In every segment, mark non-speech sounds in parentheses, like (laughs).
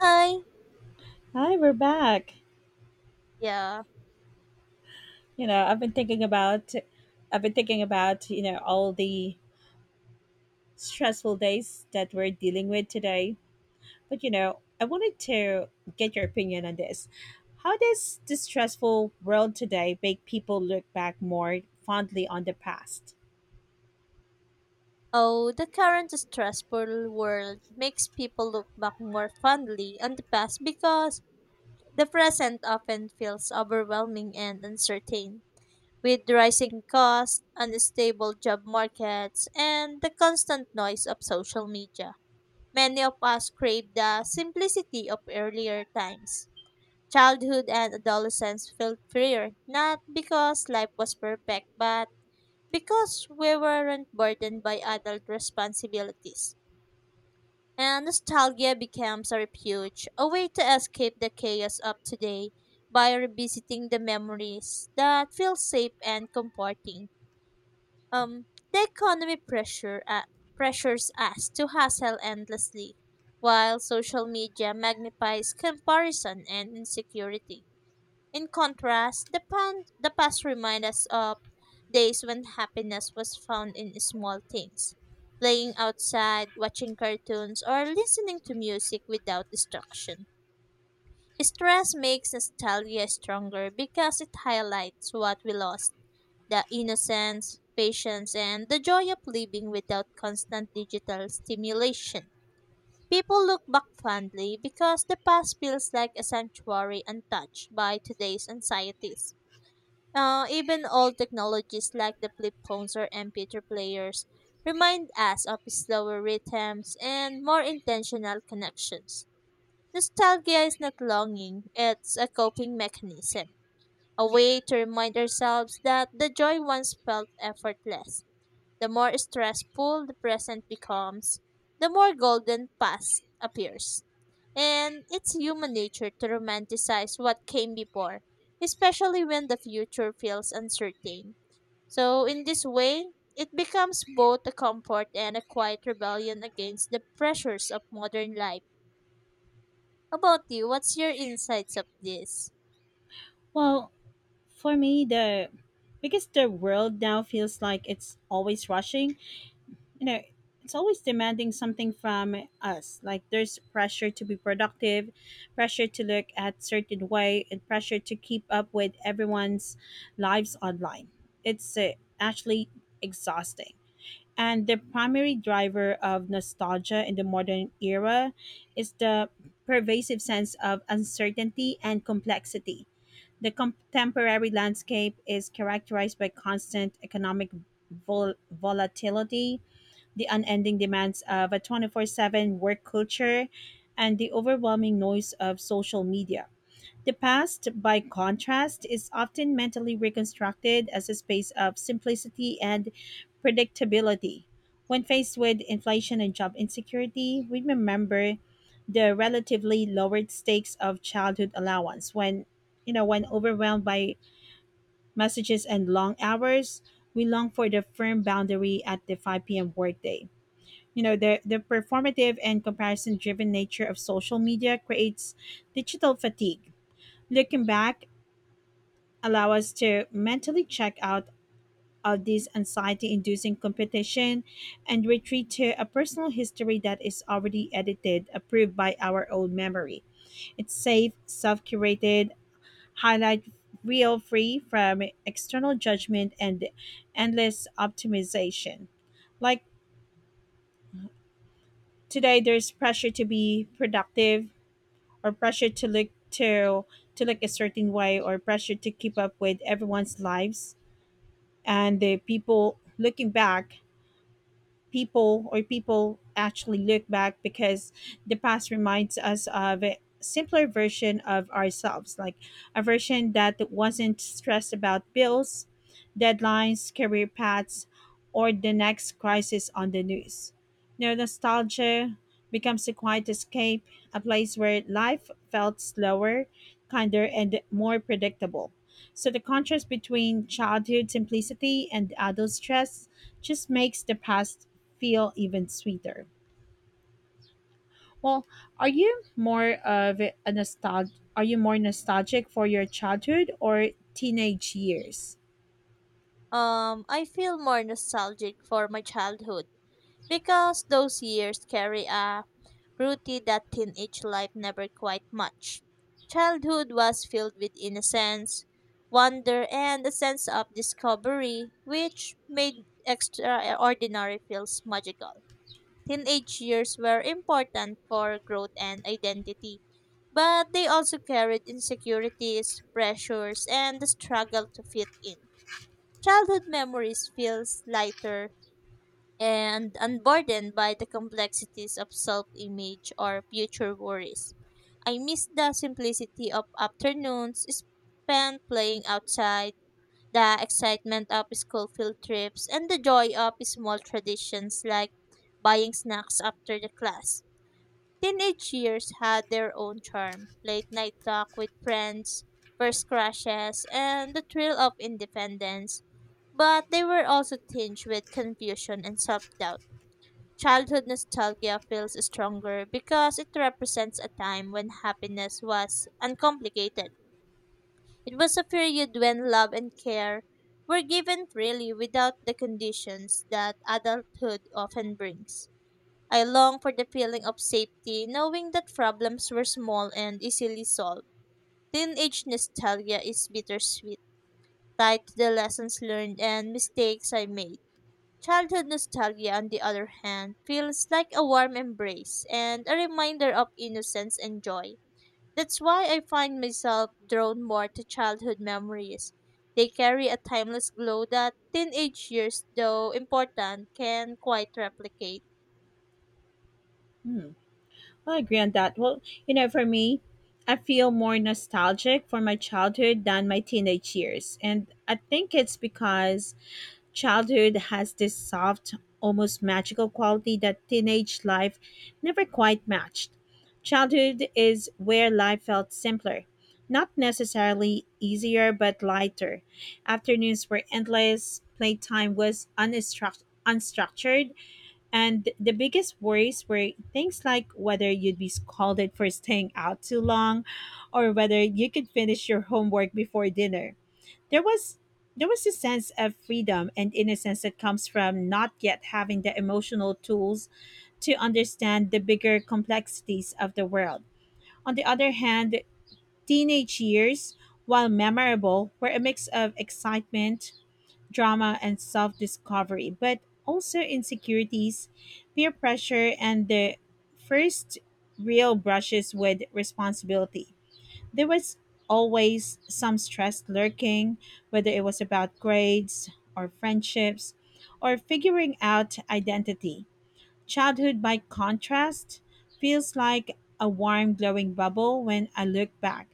Hi. Hi, we're back. Yeah. You know, I've been thinking about I've been thinking about, all the stressful days that we're dealing with today. I wanted to get your opinion on this. How does this stressful world today make people look back more fondly on the past? Oh, the current stressful world makes people look back more fondly on the past because the present often feels overwhelming and uncertain. With rising costs, unstable job markets, and the constant noise of social media, many of us crave the simplicity of earlier times. Childhood and adolescence felt freer, not because life was perfect, but because we weren't burdened by adult responsibilities. And nostalgia becomes a refuge, a way to escape the chaos of today by revisiting the memories that feel safe and comforting. Um, the economy pressure pressures us to hustle endlessly, while social media magnifies comparison and insecurity. In contrast, the past reminds us of days when happiness was found in small things: playing outside, watching cartoons, or listening to music without distraction. Stress makes nostalgia stronger because it highlights what we lost: the innocence, patience, and the joy of living without constant digital stimulation. People look back fondly because the past feels like a sanctuary untouched by today's anxieties. Even old technologies like the flip phones or MP3 players remind us of slower rhythms and more intentional connections. Nostalgia is not longing, it's a coping mechanism, a way to remind ourselves that the joy once felt effortless. The more stressful the present becomes, the more golden past appears. And it's human nature to romanticize what came before, especially when the future feels uncertain. So, in this way, it becomes both a comfort and a quiet rebellion against the pressures of modern life. About you, what's your insights of this? Well, for me, the because the world now feels like it's always rushing, you know it's always demanding something from us, like there's pressure to be productive, pressure to look at certain way, and pressure to keep up with everyone's lives online. It's actually exhausting. And the primary driver of nostalgia in the modern era is the pervasive sense of uncertainty and complexity. The contemporary landscape is characterized by constant economic volatility, the unending demands of a 24/7 work culture, and the overwhelming noise of social media. The past, by contrast, is often mentally reconstructed as a space of simplicity and predictability. When faced with inflation and job insecurity, we remember the relatively lowered stakes of childhood allowance. When when overwhelmed by messages and long hours, we long for the firm boundary at the 5 p.m workday. You know, the performative and comparison driven nature of social media creates digital fatigue. Looking back allow us to mentally check out of this anxiety inducing competition, and retreat to a personal history that is already edited approved by our own memory. It's safe, self curated, highlight real, free from external judgment and endless optimization. Like today, there's pressure to be productive, or pressure to look to look a certain way, or pressure to keep up with everyone's lives. And the people looking back, people actually look back because the past reminds us of a simpler version of ourselves, like a version that wasn't stressed about bills, deadlines, career paths, or the next crisis on the news. Now, nostalgia becomes a quiet escape, a place where life felt slower, kinder, and more predictable. So, the contrast between childhood simplicity and adult stress just makes the past feel even sweeter. Well, are you more of a nostalgic? Are you more nostalgic for your childhood or teenage years? I feel more nostalgic for my childhood because those years carry a beauty that teenage life never quite matched. Childhood was filled with innocence, wonder, and a sense of discovery, which made extraordinary feels magical. Teenage years were important for growth and identity, but they also carried insecurities, pressures, and the struggle to fit in. Childhood memories feels lighter and unburdened by the complexities of self image or future worries. I miss the simplicity of afternoons spent playing outside, the excitement of school field trips, and the joy of small traditions like buying snacks after the class. Teenage years had their own charm: late night talk with friends, first crushes, and the thrill of independence. But they were also tinged with confusion and self doubt. Childhood nostalgia feels stronger because it represents a time when happiness was uncomplicated. It was a period when love and care were given freely without the conditions that adulthood often brings. I long for the feeling of safety, knowing that problems were small and easily solved. Teenage nostalgia is bittersweet, tied to the lessons learned and mistakes I made. Childhood nostalgia, on the other hand, feels like a warm embrace and a reminder of innocence and joy. That's why I find myself drawn more to childhood memories. They carry a timeless glow that teenage years, though important, can quite replicate. Hmm. I agree on that. Well, you know, for me, I feel more nostalgic for my childhood than my teenage years. And I think it's because childhood has this soft, almost magical quality that teenage life never quite matched. Childhood is where life felt simpler, not necessarily easier, but lighter. Afternoons were endless, playtime was unstructured, and the biggest worries were things like whether you'd be scolded for staying out too long or whether you could finish your homework before dinner. There was there was a sense of freedom and innocence that comes from not yet having the emotional tools to understand the bigger complexities of the world. On the other hand, teenage years, while memorable, were a mix of excitement, drama, and self discovery, but also insecurities, peer pressure, and the first real brushes with responsibility. There was always some stress lurking, whether it was about grades or friendships or figuring out identity. Childhood, by contrast, feels like a warm, glowing bubble when I look back.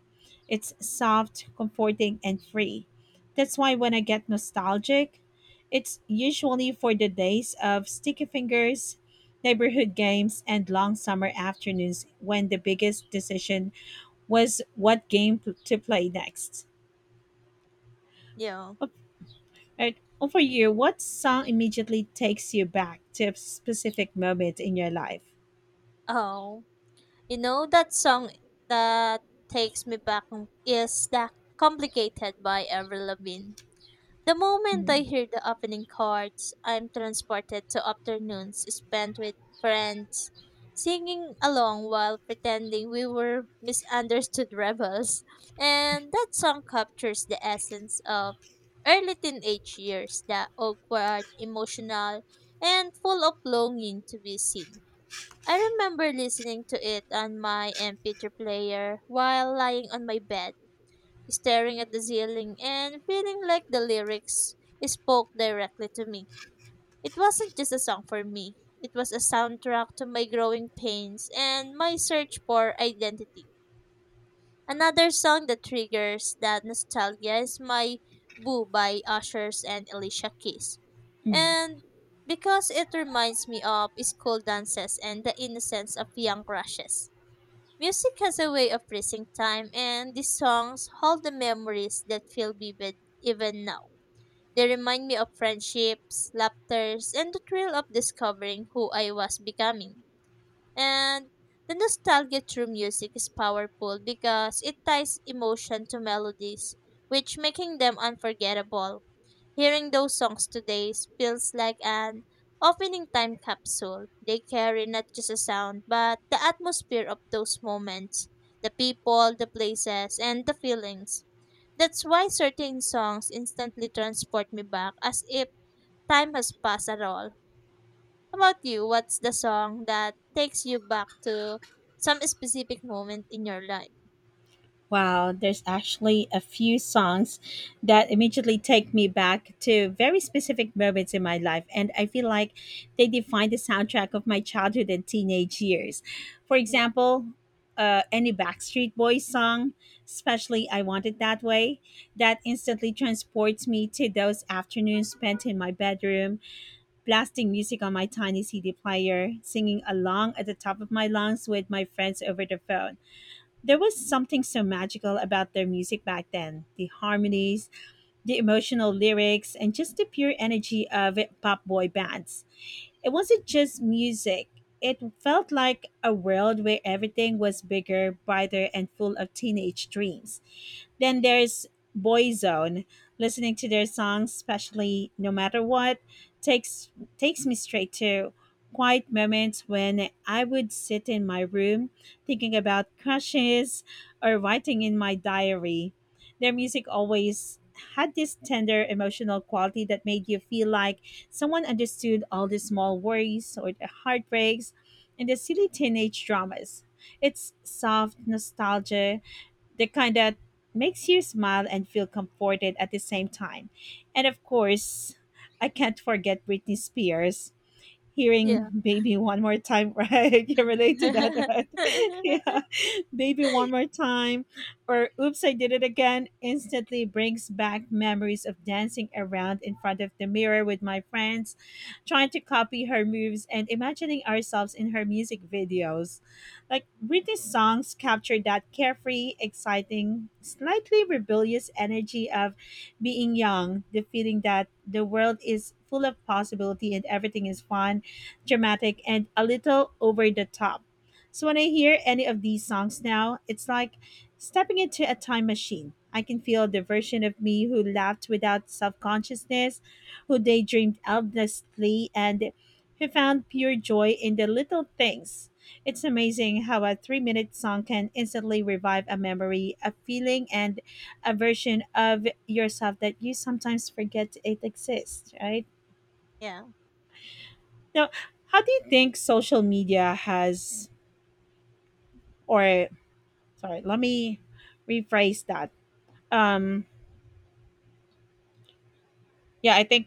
It's soft, comforting, and free. That's why when I get nostalgic, it's usually for the days of sticky fingers, neighborhood games, and long summer afternoons when the biggest decision was what to play next. Yeah. O- Alright, over you, what song immediately takes you back to a specific moment in your life? Oh. You know that song that takes me back is that Complicated by Avril Lavigne. The moment I hear the opening chords, I'm transported to afternoons spent with friends, singing along while pretending we were misunderstood (laughs) rebels. And that song captures the essence of early teenage years, the awkward, emotional, and full of longing to be seen. I remember listening to it on my MP3 player while lying on my bed staring at the ceiling and feeling like the lyrics spoke directly to me. It wasn't just a song for me, it was a soundtrack to my growing pains and my search for identity. Another song that triggers that nostalgia is My Boo by Ushers and Alicia Keys. And because it reminds me of school dances and the innocence of young crushes. Music has a way of freezing time, and these songs hold the memories that feel vivid even now. They remind me of friendships, laughters, and the thrill of discovering who I was becoming. And the nostalgia through music is powerful because it ties emotion to melodies, which making them unforgettable. Hearing those songs today feels like an opening time capsule. They carry not just a sound, but the atmosphere of those moments, the people, the places, and the feelings. That's why certain songs instantly transport me back as if time has passed at all. How about you? What's the song that takes you back to some specific moment in your life? Wow, there's actually a few songs that immediately take me back to very specific moments in my life, and I feel like they define the soundtrack of my childhood and teenage years. For Yeah. example, any Backstreet Boys song, especially I Want It That Way, that instantly transports me to those afternoons spent in my bedroom, blasting music on my tiny CD player, singing along at the top of my lungs with my friends over the phone. There was something so magical about their music back then. The harmonies, the emotional lyrics, and just the pure energy of pop boy bands. It wasn't just music, it felt like a world where everything was bigger, brighter, and full of teenage dreams. Then there's Boyzone. Listening to their songs, especially No Matter What, takes takes me straight to quiet moments when I would sit in my room thinking about crushes or writing in my diary. Their music always had this tender emotional quality that made you feel like someone understood all the small worries or the heartbreaks and the silly teenage dramas. It's soft nostalgia, the kind that makes you smile and feel comforted at the same time. And of course, I can't forget Britney Spears. Yeah. Hearing (laughs) "Baby One More Time," (laughs) right? You relate to that, right? (laughs) Yeah. (laughs) Baby One More Time, or Oops, I Did It Again instantly brings back memories of dancing around in front of the mirror with my friends, trying to copy her moves and imagining ourselves in her music videos. Like Britney's songs capture that carefree, exciting, slightly rebellious energy of being young, the feeling that the world is full of possibility and everything is fun, dramatic, and a little over the top. So when I hear any of these songs now, it's like stepping into a time machine. I can feel the version of me who laughed without self consciousness, who daydreamed endlessly, and who found pure joy in the little things. It's amazing how a 3 minute song can instantly revive a memory, a feeling, and a version of yourself that you sometimes forget it exists, right? Yeah. Now, how do you think social media has, or sorry, let me rephrase that. um yeah, I think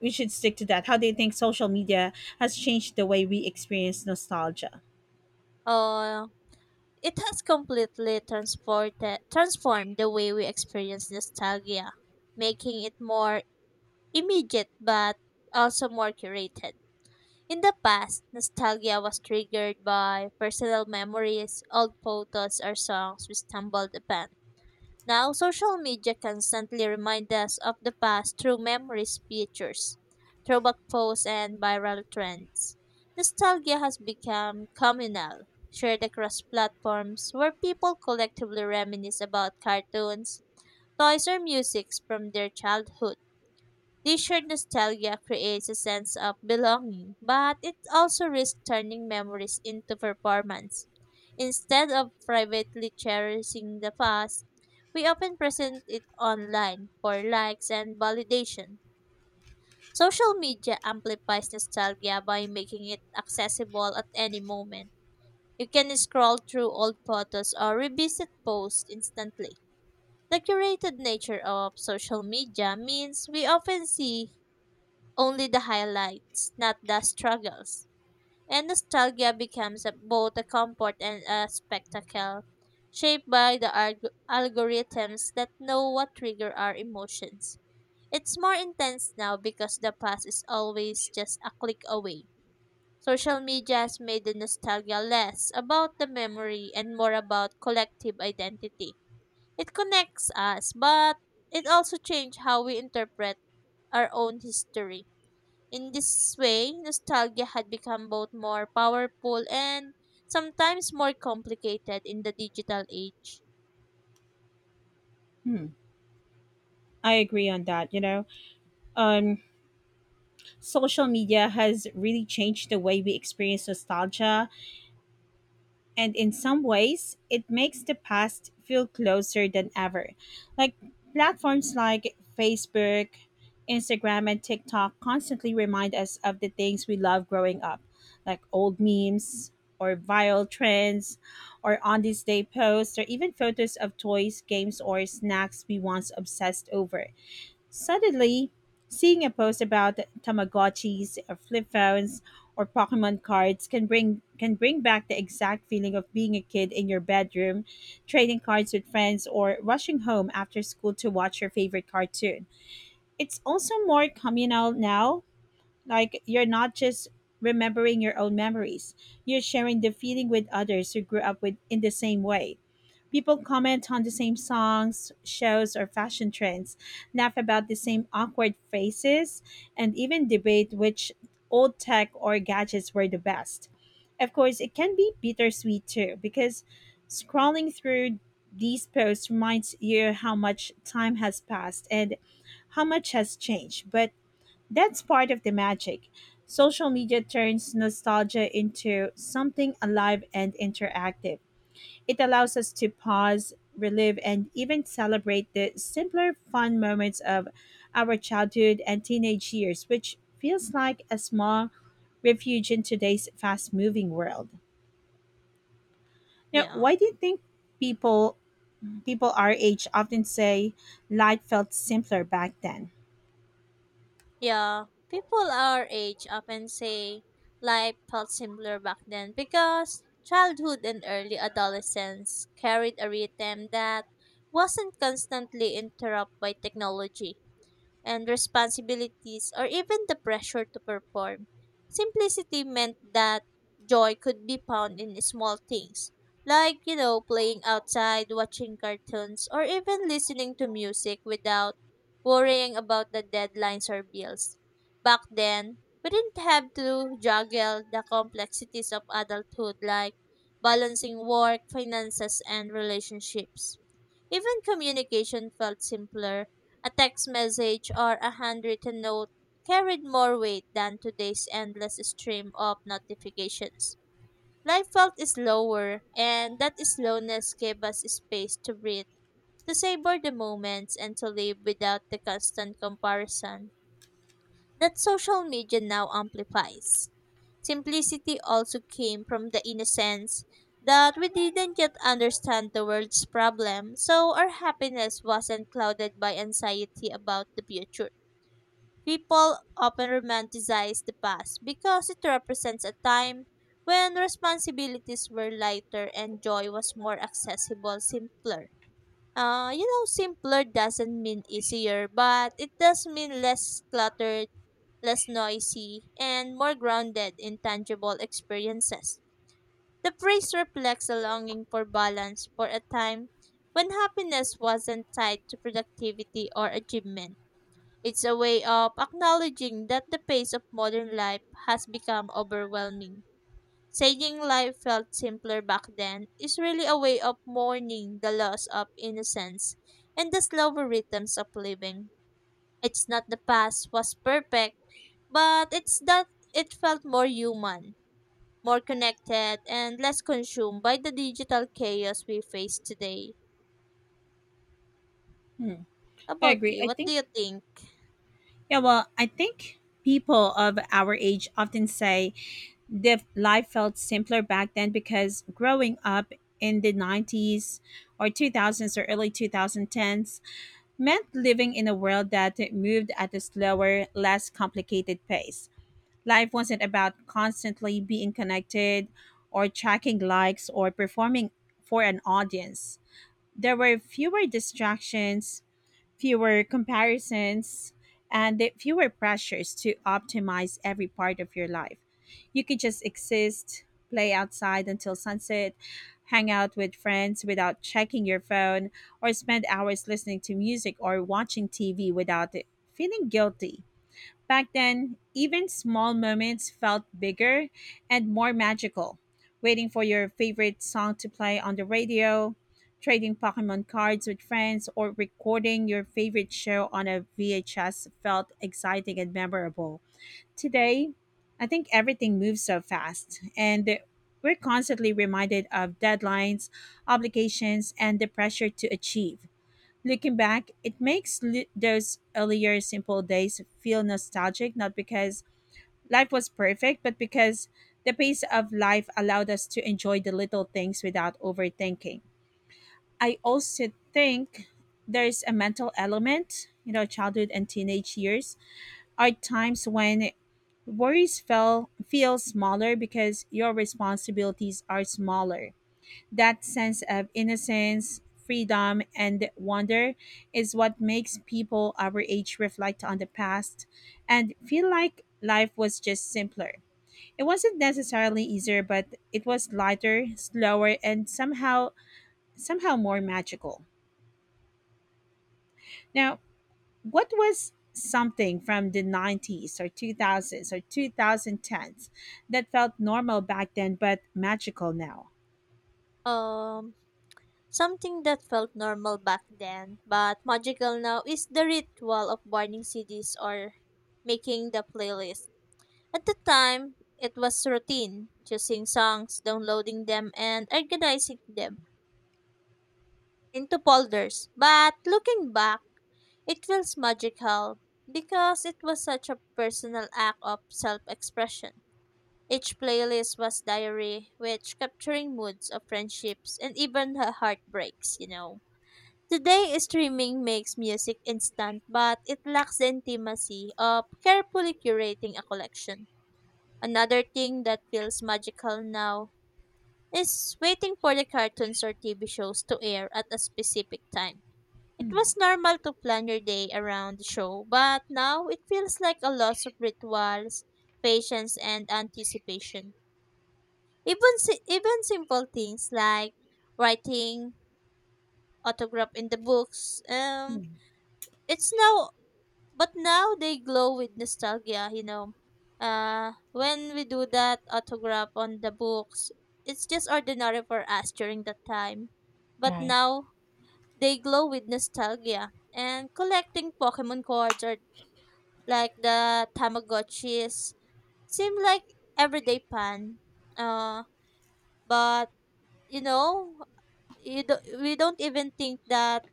we should stick to that. How do you think social media has changed the way we experience nostalgia? Oh, it has completely transformed the way we experience nostalgia, making it more immediate but also more curated. In the past, nostalgia was triggered by personal memories, old photos, or songs we stumbled upon. Now, social media constantly remind us of the past through memories, pictures, throwback posts, and viral trends. Nostalgia has become communal, shared across platforms where people collectively reminisce about cartoons, toys, or music from their childhood. This shared nostalgia creates a sense of belonging, but it also risks turning memories into performance. Instead of privately cherishing the past, we often present it online for likes and validation. Social media amplifies nostalgia by making it accessible at any moment. You can scroll through old photos or revisit posts instantly. The curated nature of social media means we often see only the highlights, not the struggles. And nostalgia becomes both a comfort and a spectacle, shaped by the algorithms that know what trigger our emotions. It's more intense now because the past is always just a click away. Social media has made the nostalgia less about the memory and more about collective identity. It connects us, but it also changed how we interpret our own history. In this way, nostalgia had become both more powerful and sometimes more complicated in the digital age. Hmm, I agree on that. You know, um social media has really changed the way we experience nostalgia, and in some ways it makes the past feel closer than ever. Like platforms like Facebook, Instagram, and TikTok constantly remind us of the things we loved growing up, like old memes, or viral trends, or on this day posts, or even photos of toys, games, or snacks we once obsessed over. Suddenly, seeing a post about Tamagotchis, or flip phones, or Pokemon cards can bring back the exact feeling of being a kid in your bedroom, trading cards with friends, or rushing home after school to watch your favorite cartoon. It's also more communal now, like you're not just remembering your own memories, you're sharing the feeling with others who grew up with in the same way. People comment on the same songs, shows, or fashion trends, laugh about the same awkward faces, and even debate which old tech or gadgets were the best. Of course, it can be bittersweet too, because scrolling through these posts reminds you how much time has passed and how much has changed. But that's part of the magic. Social media turns nostalgia into something alive and interactive. It allows us to pause, relive, and even celebrate the simpler, fun moments of our childhood and teenage years, which feels like a small refuge in today's fast moving world. Now, Yeah. why do you think people people our age often say life felt simpler back then? Yeah. People our age often say life felt simpler back then because childhood and early adolescence carried a rhythm that wasn't constantly interrupted by technology and responsibilities or even the pressure to perform. Simplicity meant that joy could be found in small things, like, you know, playing outside, watching cartoons, or even listening to music without worrying about the deadlines or bills. Back then, we didn't have to juggle the complexities of adulthood like balancing work, finances, and relationships. Even communication felt simpler: a text message or a handwritten note carried more weight than today's endless stream of notifications. Life felt slower, and that slowness gave us space to breathe, to savor the moments, and to live without the constant comparison that social media now amplifies. Simplicity also came from the innocence that we didn't yet understand the world's problem, so our happiness wasn't clouded by anxiety about the future. People often romanticize the past because it represents a time when responsibilities were lighter and joy was more accessible, simpler. You know, simpler doesn't mean easier, but it does mean less cluttered, less noisy, and more grounded in tangible experiences. The phrase reflects a longing for balance, for a time when happiness wasn't tied to productivity or achievement. It's a way of acknowledging that the pace of modern life has become overwhelming. Saying life felt simpler back then is really a way of mourning the loss of innocence and the slower rhythms of living. It's not the past was perfect, but it's that it felt more human, more connected, and less consumed by the digital chaos we face today. Hmm. I About agree. you, I what do think you think? Yeah, well, I think people of our age often say that life felt simpler back then because growing up in the 90s or 2000s or early 2010s meant living in a world that moved at a slower, less complicated pace. Life wasn't about constantly being connected or tracking likes or performing for an audience. There were fewer distractions, fewer comparisons, and the fewer pressures to optimize every part of your life. You could just exist, play outside until sunset, hang out with friends without checking your phone, or spend hours listening to music or watching TV without feeling guilty. Back then, even small moments felt bigger and more magical. Waiting for your favorite song to play on the radio, trading Pokemon cards with friends, or recording your favorite show on a VHS felt exciting and memorable. Today, I think everything moves so fast, and we're constantly reminded of deadlines, obligations, and the pressure to achieve. Looking back, it makes those earlier simple days feel nostalgic, not because life was perfect, but because the pace of life allowed us to enjoy the little things without overthinking. I also think there's a mental element. You know, childhood and teenage years are times when worries fell feel smaller because your responsibilities are smaller. That sense of innocence, freedom, and wonder is what makes people our age reflect on the past and feel like life was just simpler. It wasn't necessarily easier, but it was lighter, slower, and somehow more magical. Now, what was something from the 90s or 2000s or 2010s that felt normal back then but magical now? Um, Something that felt normal back then, but magical now, is the ritual of burning CDs or making the playlist. At the time, it was routine: choosing songs, downloading them, and organizing them into folders. But looking back, it feels magical because it was such a personal act of self expression. Each playlist was diary, which capturing moods of friendships and even the heartbreaks, you know. Today, streaming makes music instant, but it lacks the intimacy of carefully curating a collection. Another thing that feels magical now is waiting for the cartoons or TV shows to air at a specific time. It Hmm. was normal to plan your day around the show, but now it feels like a loss of rituals, patience, and anticipation. Even, even simple things like writing autograph in the books, it's now, but now they glow with nostalgia. When we do that autograph on the books, it's just ordinary for us during that time, but Right. now they glow with nostalgia. And collecting pokemon cards or like the tamagotchis seem like everyday fun uh but you know you do, We don't even think that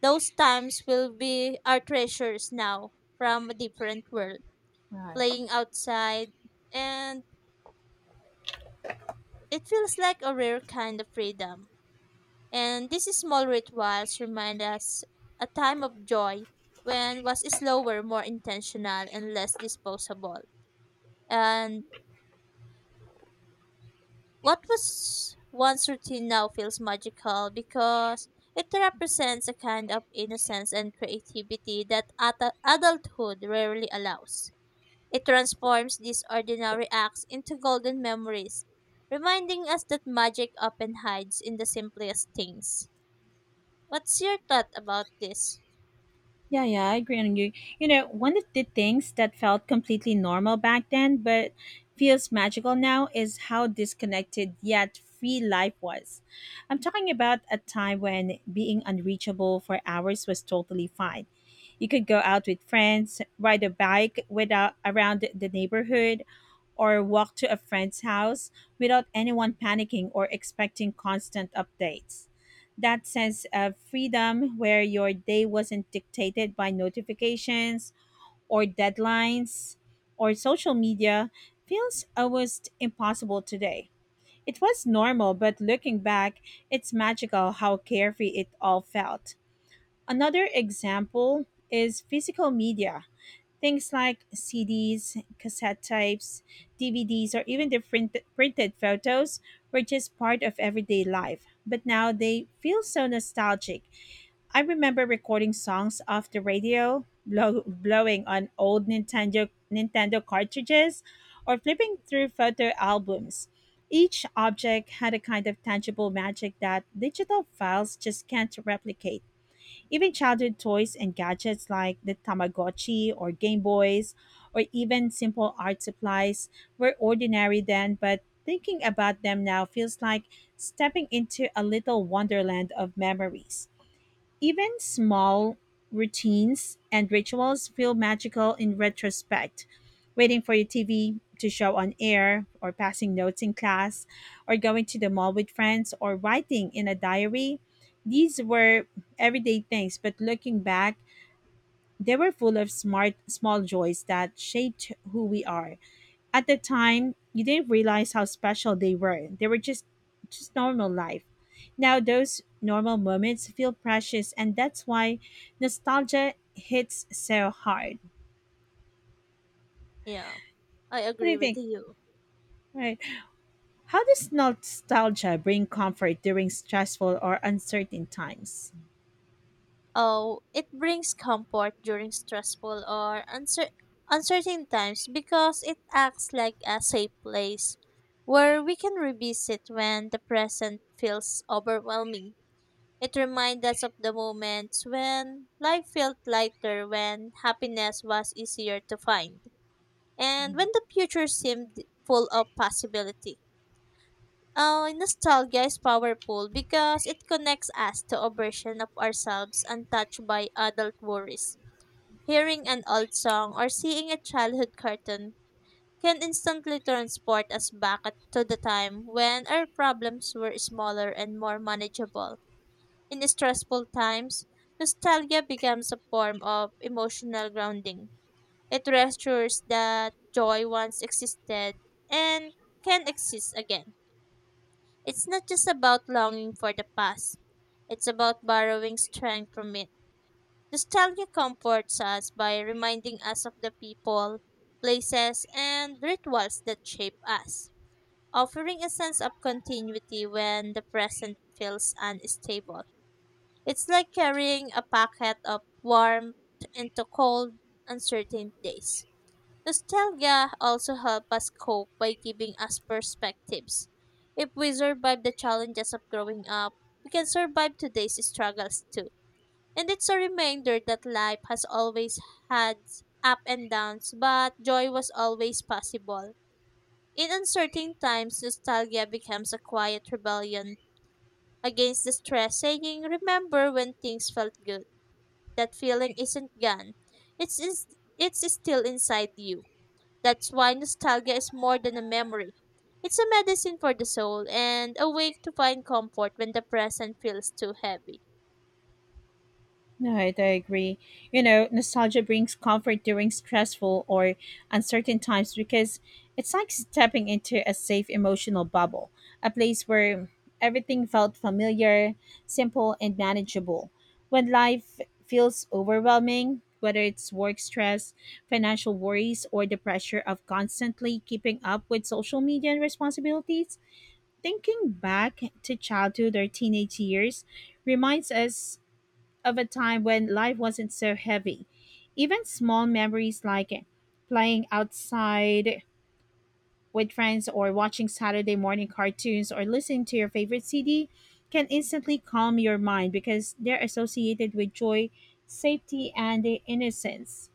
those times will be our treasures now, from a different world. Playing outside, and it feels like a rare kind of freedom. And these small rituals remind us a time of joy when was slower, more intentional, and less disposable. And what was once routine now feels magical because it represents a kind of innocence and creativity that adulthood rarely allows. It transforms these ordinary acts into golden memories, reminding us that magic often hides in the simplest things. What's your thought about this? Yeah, yeah, I agree on you. You know, one of the things that felt completely normal back then, but feels magical now, is how disconnected yet free life was. I'm talking about a time when being unreachable for hours was totally fine. You could go out with friends, ride a bike without around the neighborhood, or walk to a friend's house without anyone panicking or expecting constant updates. That sense of freedom where your day wasn't dictated by notifications or deadlines or social media feels almost impossible today. It was normal, but looking back, it's magical how carefree it all felt. Another example is physical media. Things like CDs, cassette types, DVDs, or even the printed photos were just part of everyday life, but now they feel so nostalgic. I remember recording songs off the radio, blowing on old Nintendo cartridges, or flipping through photo albums. Each object had a kind of tangible magic that digital files just can't replicate. Even childhood toys and gadgets like the Tamagotchi or Game Boys, or even simple art supplies, were ordinary then, but thinking about them now feels like stepping into a little wonderland of memories. Even small routines and rituals feel magical in retrospect. Waiting for your TV to show on air, or passing notes in class, or going to the mall with friends, or writing in a diary. These were everyday things, but looking back, they were full of smart, small joys that shaped who we are. At the time, you didn't realize how special they were. They were just normal life. Now those normal moments feel precious, and that's why nostalgia hits so hard. Yeah, I What do agree you with think? you. Right. How does nostalgia bring comfort during stressful or uncertain times? Oh, it brings comfort during stressful or uncertain times because it acts like a safe place where we can revisit when the present feels overwhelming. It reminds us of the moments when life felt lighter, when happiness was easier to find, and when the future seemed full of possibility. Oh, nostalgia is powerful because it connects us to a version of ourselves untouched by adult worries. Hearing an old song or seeing a childhood cartoon can instantly transport us to the time when our problems were smaller and more manageable. In stressful times, nostalgia becomes a form of emotional grounding. It restores that joy once existed and can exist again. It's not just about longing for the past, it's about borrowing strength from it. Nostalgia comforts us by reminding us of the people, places, and rituals that shape us, offering a sense of continuity when the present feels unstable. It's like carrying a packet of warmth into cold, uncertain days. Nostalgia also helps us cope by giving us perspectives. If we survive the challenges of growing up, we can survive today's struggles too. And it's a reminder that life has always had up and downs, but joy was always possible. In uncertain times, nostalgia becomes a quiet rebellion against the stress, saying, "Remember when things felt good, that feeling isn't gone. It's is, it's still inside you." That's why nostalgia is more than a memory. It's a medicine for the soul and a way to find comfort when the present feels too heavy. Right, I agree. You know, nostalgia brings comfort during stressful or uncertain times because it's like stepping into a safe emotional bubble, a place where everything felt familiar, simple, and manageable. When life feels overwhelming, whether it's work stress, financial worries, or the pressure of constantly keeping up with social media and responsibilities, thinking back to childhood or teenage years reminds us of a time when life wasn't so heavy. Even small memories like playing outside with friends or watching Saturday morning cartoons or listening to your favorite CD can instantly calm your mind because they're associated with joy, safety, and innocence.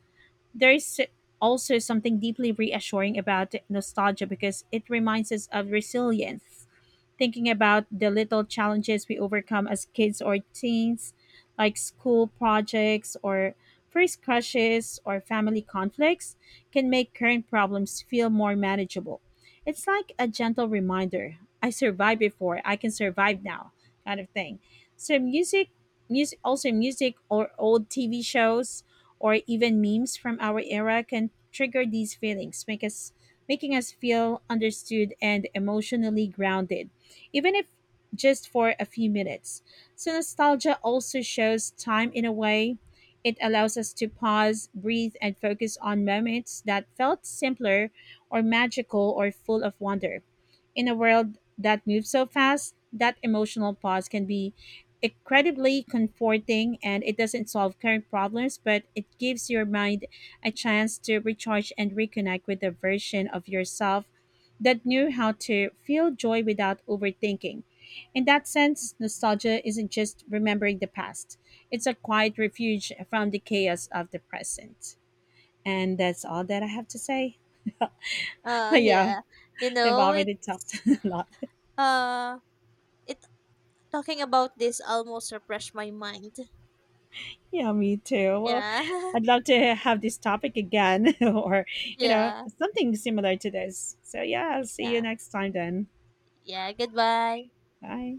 There's also something deeply reassuring about nostalgia because it reminds us of resilience. Thinking about the little challenges we overcome as kids or teens, like school projects or first crushes or family conflicts, can make current problems feel more manageable. It's like a gentle reminder: I survived before, I can survive now, kind of thing. So, music or old TV shows or even memes from our era can trigger these feelings, make us making us feel understood and emotionally grounded even if just for a few minutes. So, nostalgia also shows time in a way. It allows us to pause, breathe, and focus on moments that felt simpler or magical or full of wonder. In a world that moves so fast, that emotional pause can be incredibly comforting, and it doesn't solve current problems, but it gives your mind a chance to recharge and reconnect with the version of yourself that knew how to feel joy without overthinking. In that sense, nostalgia isn't just remembering the past, it's a quiet refuge from the chaos of the present. And that's all that I have to say. (laughs) (laughs) Yeah, yeah. You we've know, already talked it's (laughs) a lot. uh it talking about this almost refreshed my mind. Yeah, me too. Well, Yeah. (laughs) I'd love to have this topic again (laughs) or, you know, Yeah. something similar to this. So, yeah, I'll see you Yeah. next time then. Yeah. Goodbye. Bye.